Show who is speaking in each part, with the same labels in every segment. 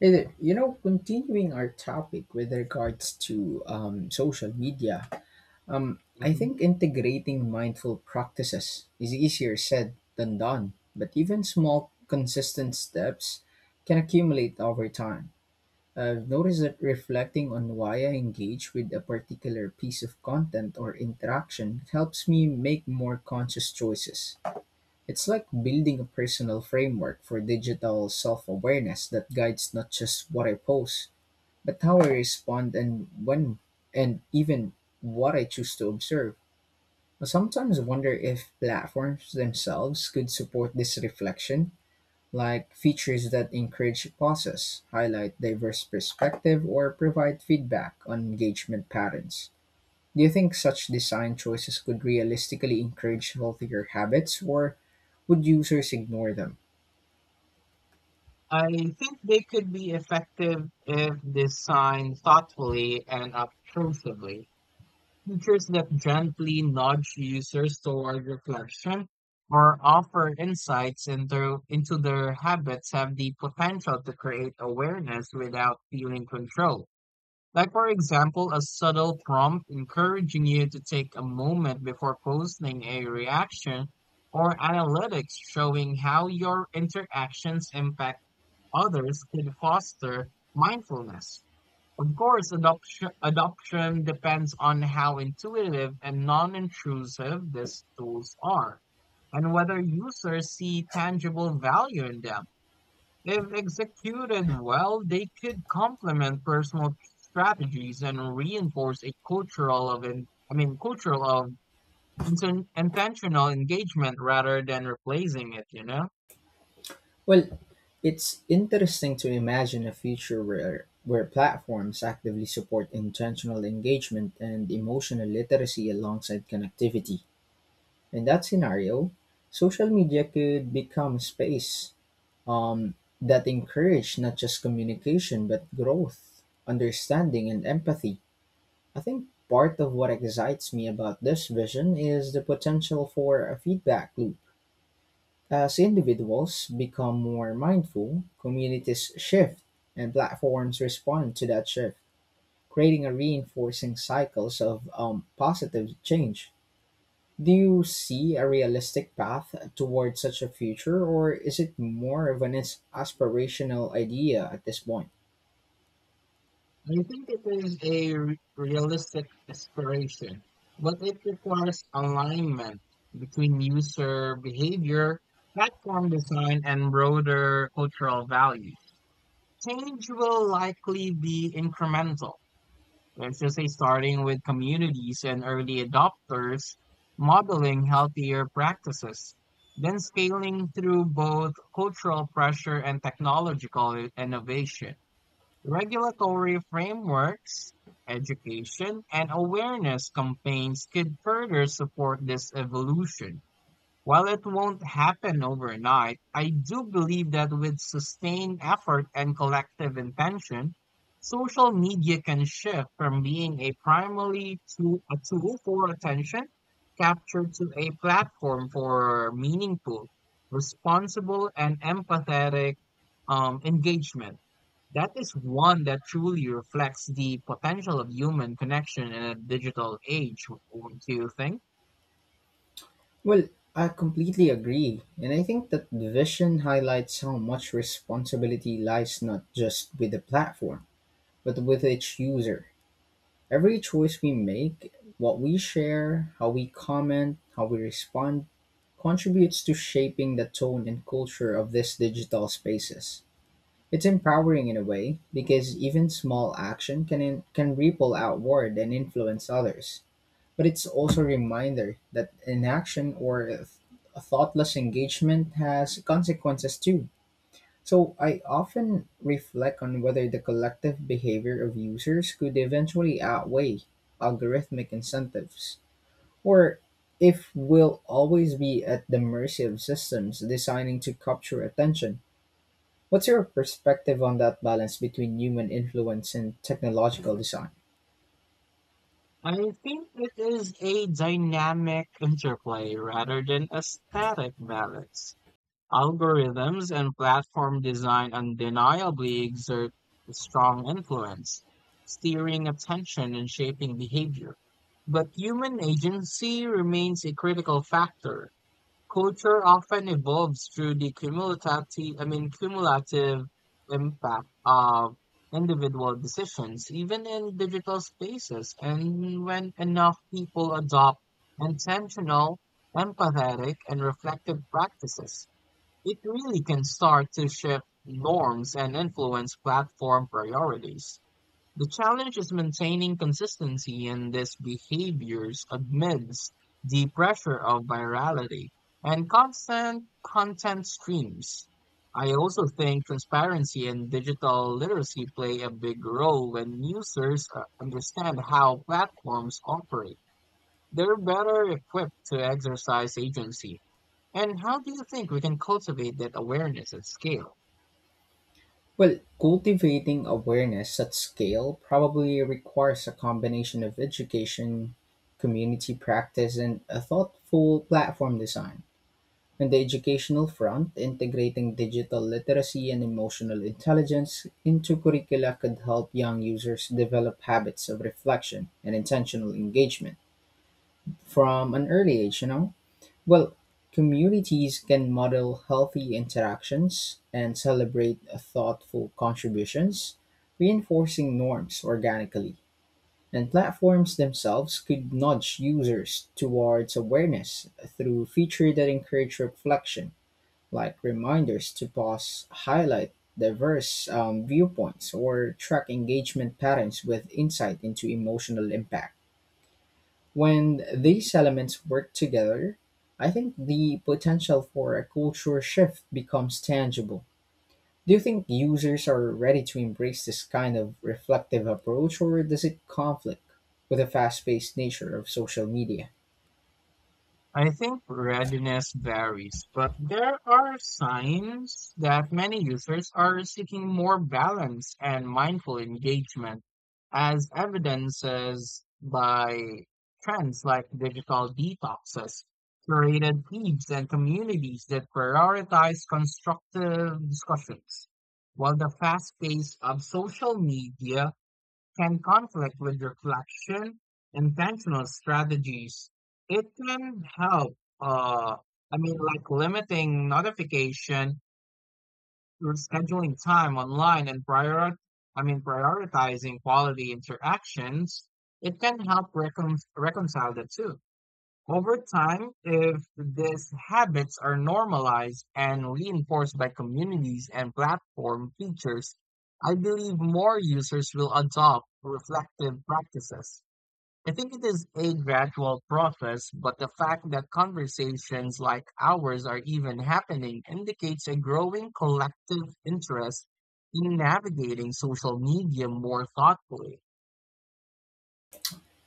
Speaker 1: Hey there. Continuing our topic with regards to social media, I
Speaker 2: Mhm.
Speaker 1: think integrating mindful practices is easier said than done, but even small, consistent steps can accumulate over time. I've noticed that reflecting on why I engage with a particular piece of content or interaction helps me make more conscious choices. It's like building a personal framework for digital self awareness that guides not just what I post, but how I respond and when, and even what I choose to observe. I sometimes wonder if platforms themselves could support this reflection, like features that encourage pauses, highlight diverse perspective, or provide feedback on engagement patterns. Do you think such design choices could realistically encourage healthier habits, or would users ignore them?
Speaker 2: I think they could be effective if designed thoughtfully and obtrusively. Features that gently nudge users toward reflection or offer insights into their habits have the potential to create awareness without feeling control. Like, for example, a subtle prompt encouraging you to take a moment before posting a reaction, or analytics showing how your interactions impact others could foster mindfulness. Of course, adoption depends on how intuitive and non-intrusive these tools are, and whether users see tangible value in them. If executed well, they could complement personal strategies and reinforce a cultural of, in, I mean, cultural of inten- intentional engagement rather than replacing it.
Speaker 1: Well, it's interesting to imagine a future where platforms actively support intentional engagement and emotional literacy alongside connectivity. In that scenario, social media could become a space, um, that encourage not just communication but growth, understanding, and empathy. I think part of what excites me about this vision is the potential for a feedback loop. As individuals become more mindful, communities shift, and platforms respond to that shift, creating a reinforcing cycles of positive change. Do you see a realistic path towards such a future, or is it more of an aspirational idea at this point?
Speaker 2: I think it is a realistic aspiration, but it requires alignment between user behavior, platform design, and broader cultural values. Change will likely be incremental. Let's just say starting with communities and early adopters, modeling healthier practices, then scaling through both cultural pressure and technological innovation. Regulatory frameworks, education, and awareness campaigns could further support this evolution. While it won't happen overnight, I do believe that with sustained effort and collective intention, social media can shift from being a primarily to a tool for attention capture to a platform for meaningful, responsible, and empathetic engagement. That is one that truly reflects the potential of human connection in a digital age, wouldn't you think?
Speaker 1: Well, I completely agree, and I think that the vision highlights how much responsibility lies not just with the platform, but with each user. Every choice we make, what we share, how we comment, how we respond, contributes to shaping the tone and culture of these digital spaces. It's empowering in a way because even small action can ripple outward and influence others. But it's also a reminder that inaction or a thoughtless engagement has consequences too. So I often reflect on whether the collective behavior of users could eventually outweigh algorithmic incentives, or if we'll always be at the mercy of systems designing to capture attention. What's your perspective on that balance between human influence and technological design?
Speaker 2: I think it is a dynamic interplay rather than a static balance. Algorithms and platform design undeniably exert a strong influence, steering attention and shaping behavior. But human agency remains a critical factor. Culture often evolves through the cumulative impact of individual decisions, even in digital spaces. And when enough people adopt intentional, empathetic, and reflective practices, it really can start to shift norms and influence platform priorities. The challenge is maintaining consistency in these behaviors amidst the pressure of virality and constant content streams. I also think transparency and digital literacy play a big role when users understand how platforms operate. They're better equipped to exercise agency, and how do you think we can cultivate that awareness at scale?
Speaker 1: Well, cultivating awareness at scale probably requires a combination of education, community practice, and a thoughtful platform design. On the educational front, integrating digital literacy and emotional intelligence into curricula could help young users develop habits of reflection and intentional engagement from an early age, you know? Well, communities can model healthy interactions and celebrate thoughtful contributions, reinforcing norms organically. And platforms themselves could nudge users towards awareness through features that encourage reflection, like reminders to pause, highlight diverse viewpoints, or track engagement patterns with insight into emotional impact. When
Speaker 2: Mm.
Speaker 1: these elements work together, I think the potential for a culture shift becomes tangible. Do you think users are ready to embrace this kind of reflective approach, or does it conflict with the fast paced nature of social media?
Speaker 2: I think readiness varies, but there are signs that many users are seeking more balance and mindful engagement, as evidences by trends like digital detoxes, curated feeds, and communities that prioritize constructive discussions. While the fast pace of social media can conflict with reflection, intentional strategies. It can help, uh, like limiting notification, or scheduling time online and prioritizing quality interactions. It can help reconcile the two. Over time, if these habits are normalized and reinforced by communities and platform features, I believe more users will adopt reflective practices. I think it is a gradual process, but the fact that conversations like ours are even happening indicates a growing collective interest in navigating social media more thoughtfully.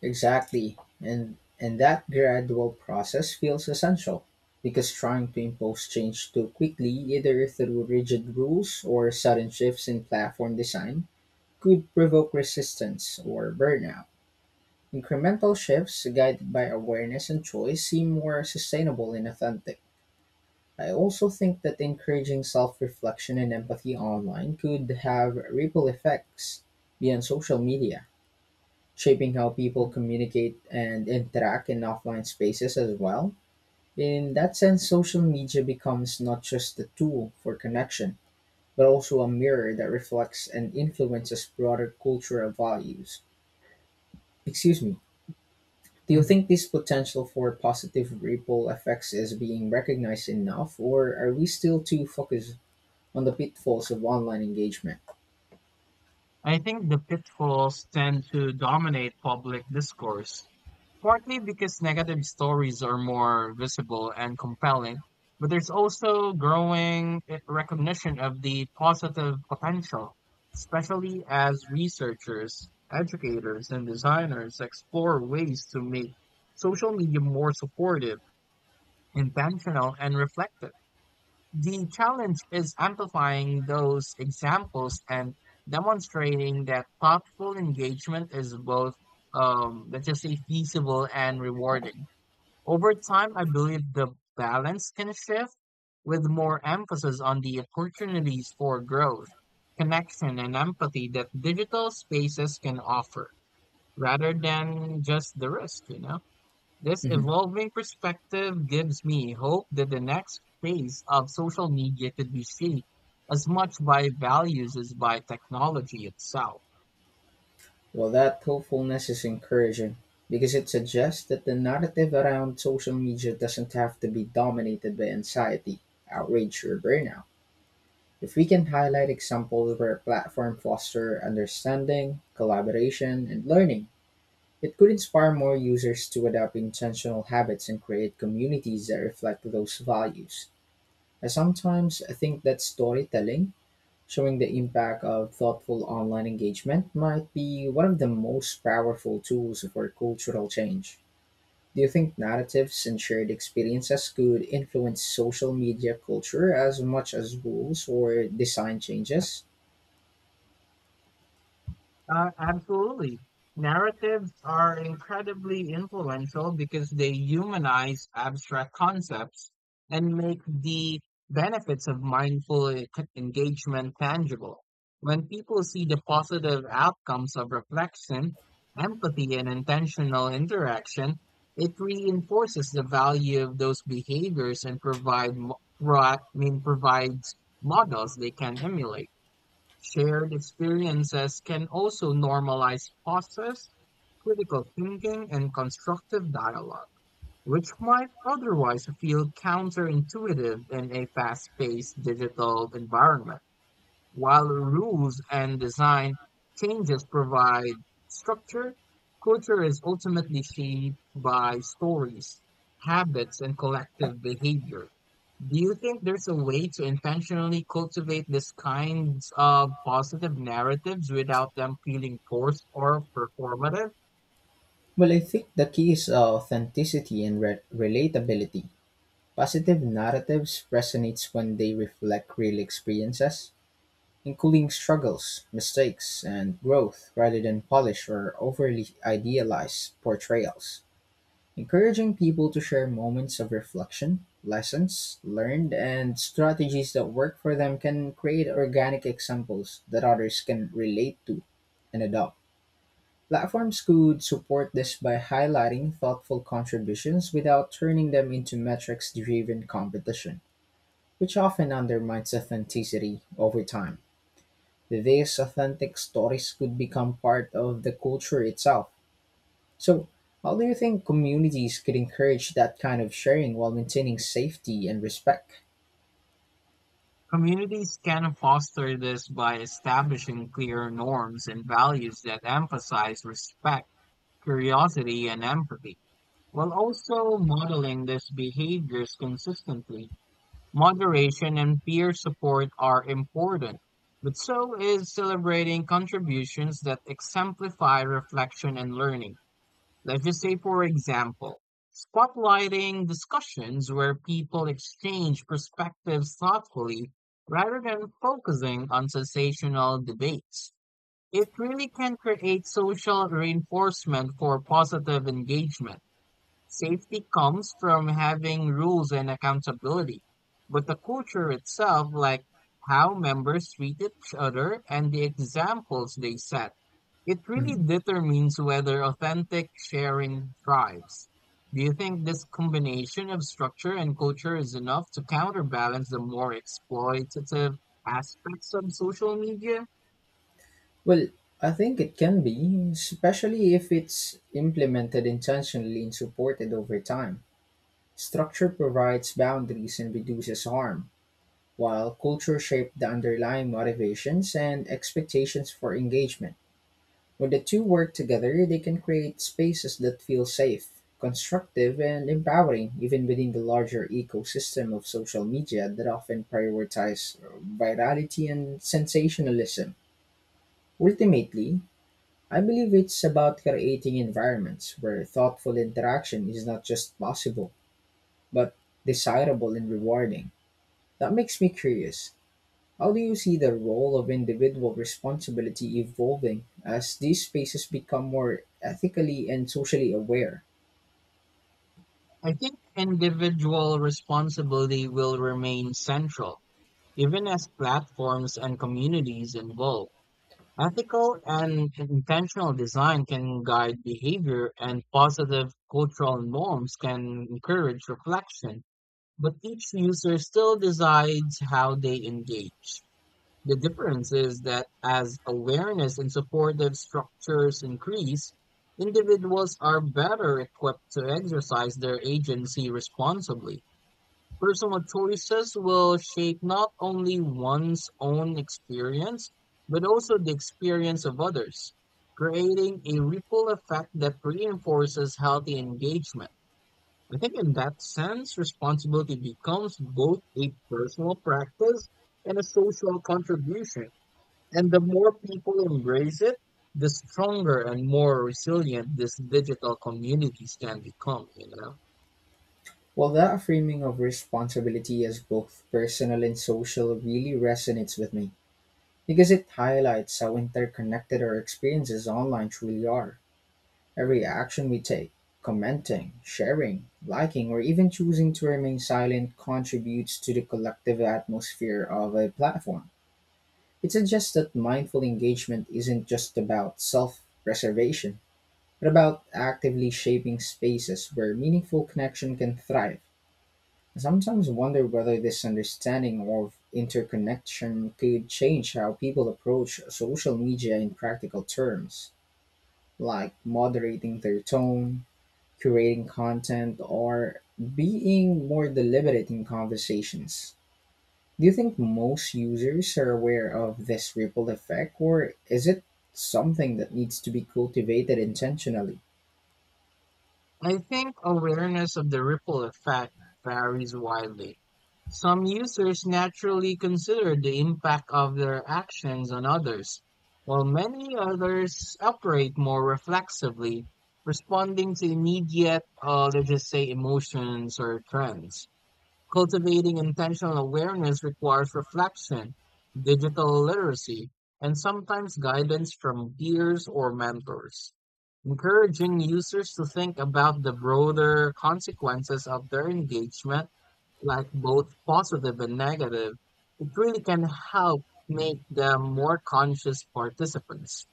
Speaker 1: Exactly. And that gradual process feels essential because trying to impose change too quickly, either through rigid rules or sudden shifts in platform design, could provoke resistance or burnout. Incremental shifts guided by awareness and choice seem more sustainable and authentic. I also think that encouraging self reflection and empathy online could have ripple effects beyond social media, shaping how people communicate and interact in offline spaces as well. In that sense, social media becomes not just a tool for connection, but also a mirror that reflects and influences broader cultural values. Excuse me. Do you think this potential for positive ripple effects is being recognized enough, or are we still too focused on the pitfalls of online engagement?
Speaker 2: I think the pitfalls tend to dominate public discourse, partly because negative stories are more visible and compelling, but there's also growing recognition of the positive potential, especially as researchers, educators, and designers explore ways to make social media more supportive, intentional, and reflective. The challenge is amplifying those examples and demonstrating that thoughtful engagement is both, let's just say, feasible and rewarding. Over time, I believe the balance can shift with more emphasis on the opportunities for growth, connection, and empathy that digital spaces can offer rather than just the risk. This
Speaker 1: Mhm.
Speaker 2: evolving perspective gives me hope that the next phase of social media could be shaped as much by values as by technology itself.
Speaker 1: Well, that hopefulness is encouraging because it suggests that the narrative around social media doesn't have to be dominated by anxiety, outrage, or burnout. If we can highlight examples where platform foster understanding, collaboration, and learning, it could inspire more users to adopt intentional habits and create communities that reflect those values. I sometimes think that storytelling, showing the impact of thoughtful online engagement, might be one of the most powerful tools for cultural change. Do you think narratives and shared experiences could influence social media culture as much as rules or design changes?
Speaker 2: Absolutely. Narratives are incredibly influential because they humanize abstract concepts and make the benefits of mindful engagement tangible. When people see the positive outcomes of reflection, empathy, and intentional interaction, it reinforces the value of those behaviors and provides models they can emulate. Shared experiences can also normalize pauses, critical thinking, and constructive dialogue, which might otherwise feel counterintuitive in a fast-paced digital environment. While rules and design changes provide structure, culture is ultimately shaped by stories, habits, and collective behavior. Do you think there's a way to intentionally cultivate these kinds of positive narratives without them feeling forced or performative?
Speaker 1: Well, I think the key is authenticity and relatability. Positive narratives resonates when they reflect real experiences, including struggles, mistakes, and growth rather than polished or overly idealized portrayals. Encouraging people to share moments of reflection, lessons learned, and strategies that work for them can create organic examples that others can relate to and adopt. Platforms could support this by highlighting thoughtful contributions without turning them into metrics driven competition, which often undermines authenticity. Over time, these authentic stories could become part of the culture itself. So, how do you think communities could encourage that kind of sharing while maintaining safety and respect?
Speaker 2: Communities can foster this by establishing clear norms and values that emphasize respect, curiosity, and empathy. While also modeling these behaviors consistently, moderation and peer support are important, but so is celebrating contributions that exemplify reflection and learning. Let's just say, for example, spotlighting discussions where people exchange perspectives thoughtfully rather than focusing on sensational debates. It really can create social reinforcement for positive engagement. Safety comes from having rules and accountability, but the culture itself, like how members treat each other and the examples they set, it really
Speaker 1: Mhm.
Speaker 2: determines whether authentic sharing thrives. Do you think this combination of structure and culture is enough to counterbalance the more exploitative aspects of social media?
Speaker 1: Well, I think it can be, especially if it's implemented intentionally and supported over time. Structure provides boundaries and reduces harm, while culture shapes the underlying motivations and expectations for engagement. When the two work together, they can create spaces that feel safe, constructive, and empowering, even within the larger ecosystem of social media that often prioritize virality and sensationalism. Ultimately, I believe it's about creating environments where thoughtful interaction is not just possible, but desirable and rewarding. That makes me curious. How do you see the role of individual responsibility evolving as these spaces become more ethically and socially aware?
Speaker 2: I think individual responsibility will remain central even as platforms and communities evolve, ethical and intentional design can guide behavior, and positive cultural norms can encourage reflection. But each user still decides how they engage. The difference is that as awareness and supportive structures increase, individuals are better equipped to exercise their agency responsibly. Personal choices will shape not only one's own experience, but also the experience of others, creating a ripple effect that reinforces healthy engagement. I think in that sense, responsibility becomes both a personal practice and a social contribution. And the more people embrace it, the stronger and more resilient these digital communities can become.
Speaker 1: Well, that framing of responsibility as both personal and social really resonates with me because it highlights how interconnected our experiences online truly are. Every action we take, commenting, sharing, liking, or even choosing to remain silent, contributes to the collective atmosphere of a platform. It suggests that mindful engagement isn't just about self preservation, but about actively shaping spaces where meaningful connection can thrive. I sometimes wonder whether this understanding of interconnection could change how people approach social media in practical terms, like moderating their tone, curating content, or being more deliberate in conversations. Do you think most users are aware of this ripple effect, or is it something that needs to be cultivated intentionally?
Speaker 2: I think awareness of the ripple effect varies widely. Some users naturally consider the impact of their actions on others, while many others operate more reflexively, responding to immediate, let's just say, emotions or trends. Cultivating intentional awareness requires reflection, digital literacy, and sometimes guidance from peers or mentors. Encouraging users to think about the broader consequences of their engagement, like both positive and negative, it really can help make them more conscious participants.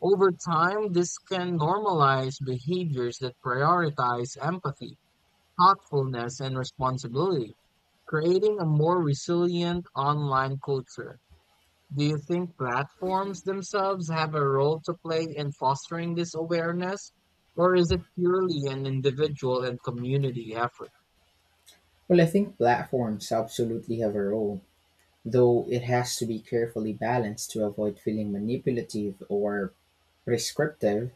Speaker 2: Over time, this can normalize behaviors that prioritize empathy, thoughtfulness, and responsibility, creating a more resilient online culture. Do you think platforms themselves have a role to play in fostering this awareness, or is it purely an individual and community effort?
Speaker 1: Well, I think platforms absolutely have a role, though it has to be carefully balanced to avoid feeling manipulative or prescriptive.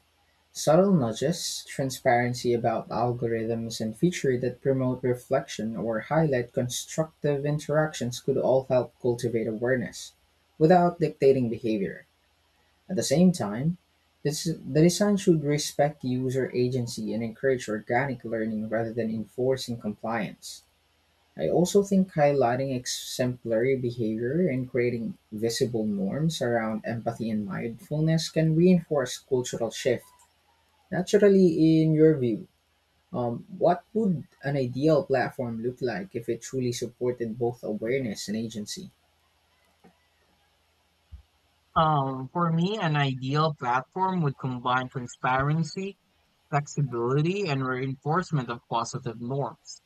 Speaker 1: Subtle nudges, transparency about algorithms, and features that promote reflection or highlight constructive interactions could all help cultivate awareness without dictating behavior. At the same time, the design should respect user agency and encourage organic learning rather than enforcing compliance. I also think highlighting exemplary behavior and creating visible norms around empathy and mindfulness can reinforce cultural shift. Naturally, in your view, what would an ideal platform look like if it truly supported both awareness and agency?
Speaker 2: For me, an ideal platform would combine transparency, flexibility, and reinforcement of positive norms.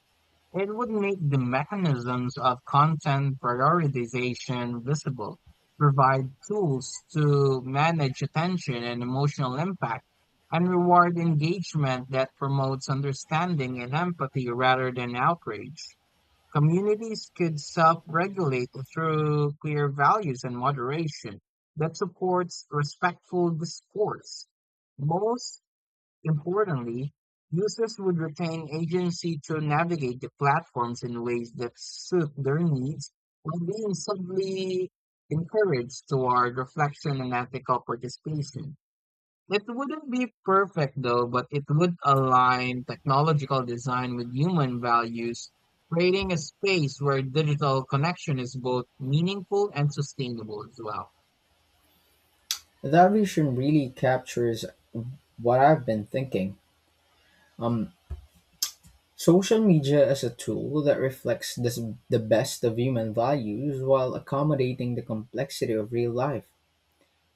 Speaker 2: It would make the mechanisms of content prioritization visible, provide tools to manage attention and emotional impact, and reward engagement that promotes understanding and empathy rather than outrage. Communities could self regulate through clear values and moderation that supports respectful discourse. Most importantly, users would retain agency to navigate the platforms in ways that suit their needs while being subtly encouraged toward reflection and ethical participation. It wouldn't be perfect though, but it would align technological design with human values, creating a space where digital connection is both meaningful and sustainable as well.
Speaker 1: That vision really captures what I've been thinking. Social media is a tool that reflects the best of human values while accommodating the complexity of real life.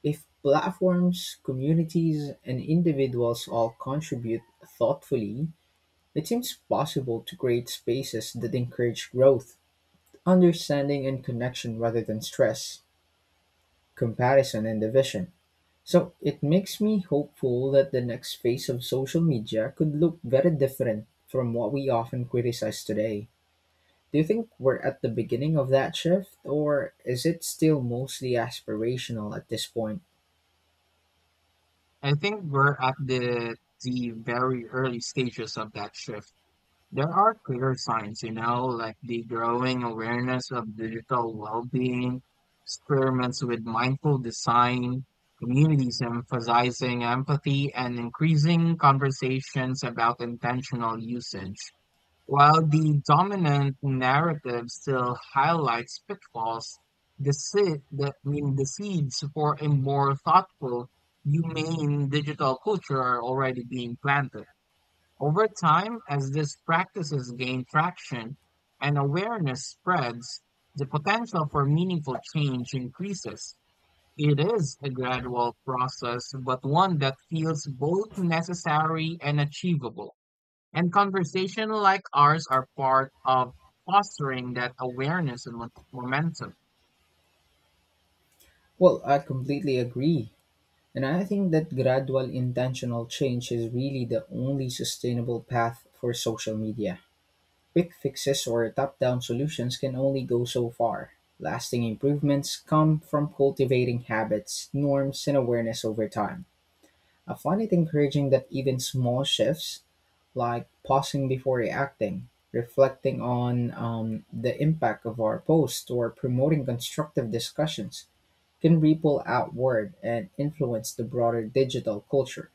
Speaker 1: If platforms, communities, and individuals all contribute thoughtfully, it seems possible to create spaces that encourage growth, understanding, and connection rather than stress, comparison, and division. So it makes me hopeful that the next phase of social media could look very different from what we often criticize today. Do you think we're at the beginning of that shift, or is it still mostly aspirational at this point?
Speaker 2: I think we're at the very early stages of that shift. There are clear signs, you know, like the growing awareness of digital well-being, experiments with mindful design, communities emphasizing empathy, and increasing conversations about intentional usage. While the dominant narrative still highlights pitfalls, the seed, the, I mean, the seeds for a more thoughtful, humane digital culture are already being planted. Over time, as these practices gain traction and awareness spreads, the potential for meaningful change increases. It is a gradual process, but one that feels both necessary and achievable. And conversations like ours are part of fostering that awareness and momentum.
Speaker 1: Well, I completely agree. And I think that gradual intentional change is really the only sustainable path for social media. Quick fixes or top down solutions can only go so far. Lasting improvements come from cultivating habits, norms, and awareness over time. I find it encouraging that even small shifts, like pausing before reacting, reflecting on the impact of our post, or promoting constructive discussions, can ripple outward and influence the broader digital culture.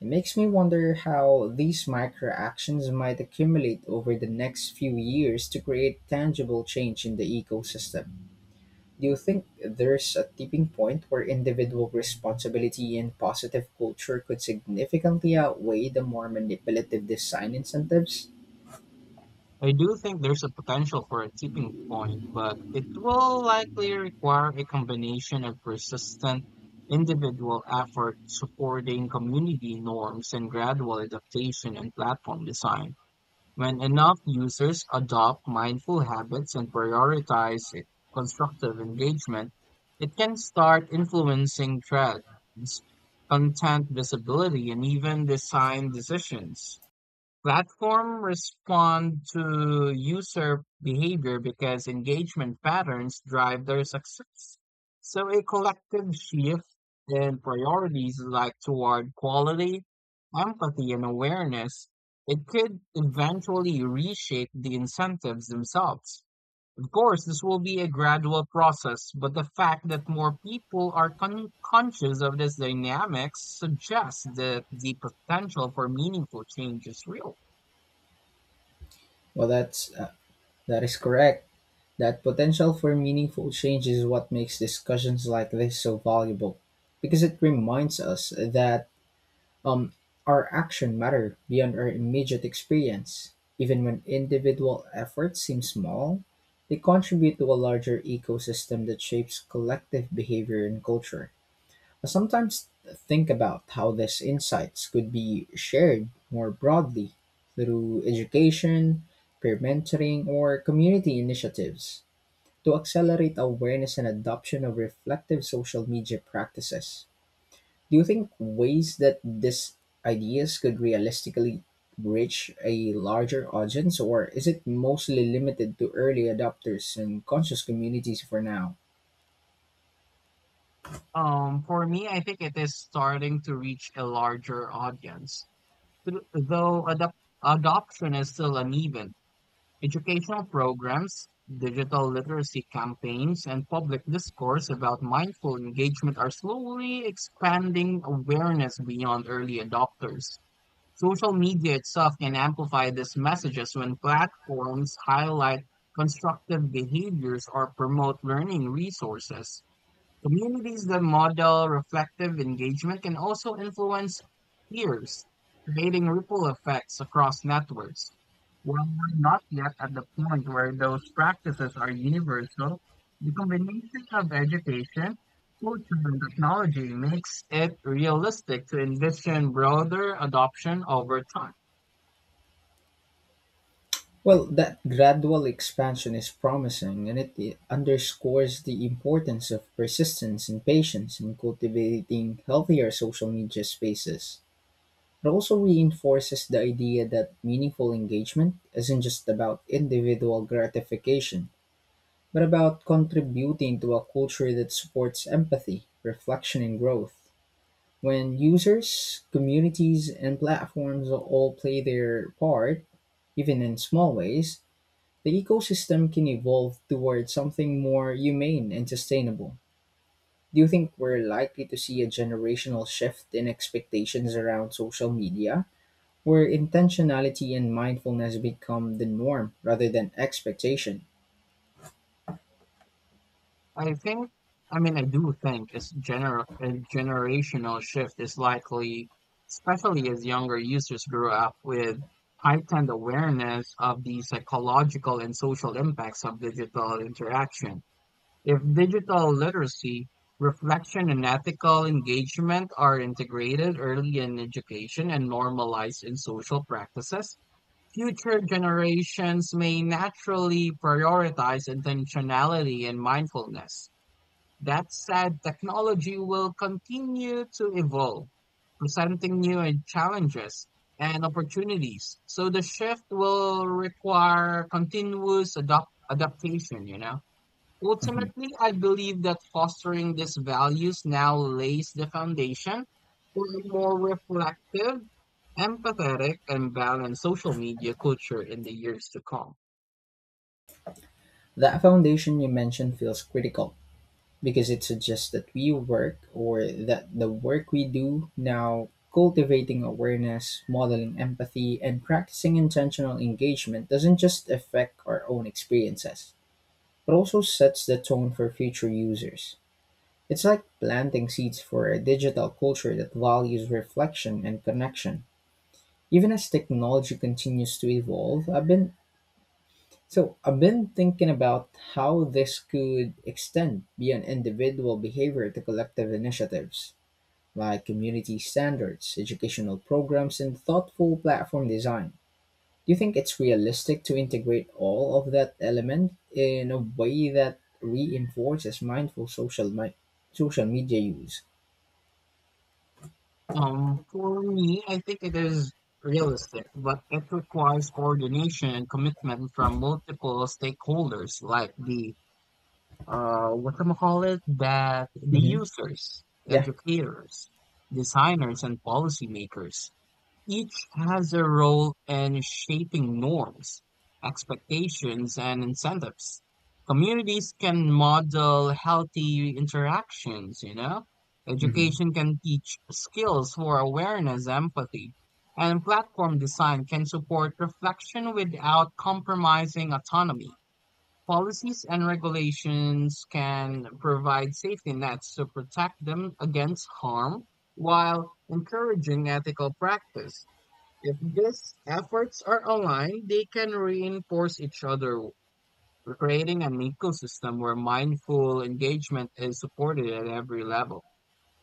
Speaker 1: It makes me wonder how these micro actions might accumulate over the next few years to create tangible change in the ecosystem. Do you think there's a tipping point where individual responsibility and positive culture could significantly outweigh the more manipulative design incentives?
Speaker 2: I do think there's a potential for a tipping point, but it will likely require a combination of persistent individual effort supporting community norms and gradual adaptation in platform design. When enough users adopt mindful habits and prioritize constructive engagement, it can start influencing trends, content visibility, and even design decisions. Platform respond to user behavior because engagement patterns drive their success. So a collective shift in priorities like toward quality, empathy, and awareness, it could eventually reshape the incentives themselves. Of course, this will be a gradual process, but the fact that more people are conscious of this dynamics suggests that the potential for meaningful change is real.
Speaker 1: Well, that is correct. That potential for meaningful change is what makes discussions like this so valuable, because it reminds us that um our action matter beyond our immediate experience. Even when individual efforts seem small, they contribute to a larger ecosystem that shapes collective behavior and culture. I sometimes think about how these insights could be shared more broadly through education, peer mentoring, or community initiatives to accelerate awareness and adoption of reflective social media practices. Do you think ways that these ideas could realistically reach a larger audience, or is it mostly limited to early adopters and conscious communities for now?
Speaker 2: For me, I think it is starting to reach a larger audience. Though adoption is still uneven, educational programs, digital literacy campaigns, and public discourse about mindful engagement are slowly expanding awareness beyond early adopters. Social media itself can amplify these messages when platforms highlight constructive behaviors or promote learning resources. Communities that model reflective engagement can also influence peers, creating ripple effects across networks. While we're not yet at the point where those practices are universal, the combination of education, culture, and technology makes it realistic to envision broader adoption over time.
Speaker 1: Well, that gradual expansion is promising, and it underscores the importance of persistence and patience in cultivating healthier social media spaces. It also reinforces the idea that meaningful engagement isn't just about individual gratification, but about contributing to a culture that supports empathy, reflection, and growth. When users, communities, and platforms all play their part, even in small ways, the ecosystem can evolve toward something more humane and sustainable. Do you think we're likely to see a generational shift in expectations around social media, where intentionality and mindfulness become the norm rather than expectation?
Speaker 2: I think, I do think it's gener a generational shift is likely, especially as younger users grow up with heightened awareness of the psychological and social impacts of digital interaction. If digital literacy, reflection, and ethical engagement are integrated early in education and normalized in social practices, future generations may naturally prioritize intentionality and mindfulness. That said, technology will continue to evolve, presenting new challenges and opportunities. So the shift will require continuous adopt adaptation, you know.
Speaker 1: Mhm.
Speaker 2: Ultimately, I believe that fostering these values now lays the foundation for a more reflective, empathetic, and balanced social media culture in the years to come.
Speaker 1: That foundation you mentioned feels critical because it suggests that we work or that the work we do now, cultivating awareness, modeling empathy, and practicing intentional engagement, doesn't just affect our own experiences but also sets the tone for future users. It's like planting seeds for a digital culture that values reflection and connection even as technology continues to evolve. I've been thinking about how this could extend beyond individual behavior to collective initiatives like community standards, educational programs, and thoughtful platform design. Do you think it's realistic to integrate all of that element in a way that reinforces mindful social media use?
Speaker 2: For me, I think it is realistic, but it requires coordination and commitment from multiple stakeholders, like the what am I call it, that the
Speaker 1: Hmm.
Speaker 2: users,
Speaker 1: Yeah.
Speaker 2: educators, designers, and policymakers. Each has a role in shaping norms, expectations, and incentives. Communities can model healthy interactions, you know?
Speaker 1: Hmm.
Speaker 2: Education can teach skills for awareness, empathy, and platform design can support reflection without compromising autonomy. Policies and regulations can provide safety nets to protect them against harm while encouraging ethical practice. If these efforts are aligned, they can reinforce each other, creating an ecosystem where mindful engagement is supported at every level.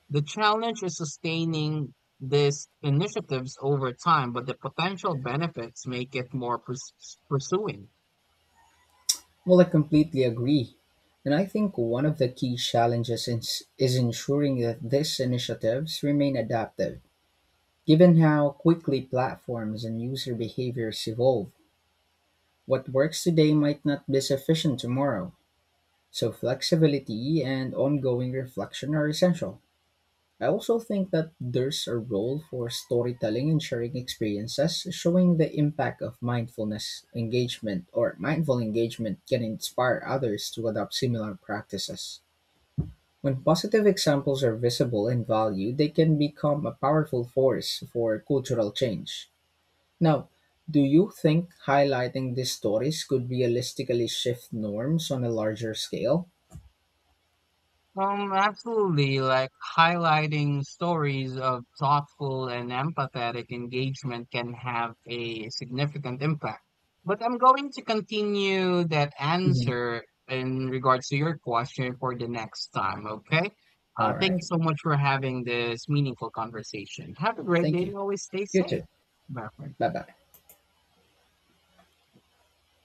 Speaker 2: The challenge is sustaining these initiatives over time, but the potential benefits make it more pursuing.
Speaker 1: Well, I completely agree. And I think one of the key challenges is ensuring that these initiatives remain adaptive. Given how quickly platforms and user behaviors evolve, what works today might not be sufficient tomorrow. So, flexibility and ongoing reflection are essential. I also think that there's a role for storytelling and sharing experiences. Showing the impact of mindful engagement can inspire others to adopt similar practices. When positive examples are visible and valued, they can become a powerful force for cultural change. Now, do you think highlighting these stories could realistically shift norms on a larger scale?
Speaker 2: Absolutely. Like highlighting stories of thoughtful and empathetic engagement can have a significant impact. But I'm going to continue that
Speaker 1: Mhm.
Speaker 2: answer in regards to your question for the next time, okay?
Speaker 1: All
Speaker 2: Thank you
Speaker 1: right.
Speaker 2: so much for having this meaningful conversation. Have a great day
Speaker 1: Thank you.
Speaker 2: and always stay
Speaker 1: You
Speaker 2: safe.
Speaker 1: too.
Speaker 2: Bye for now.
Speaker 1: Bye bye.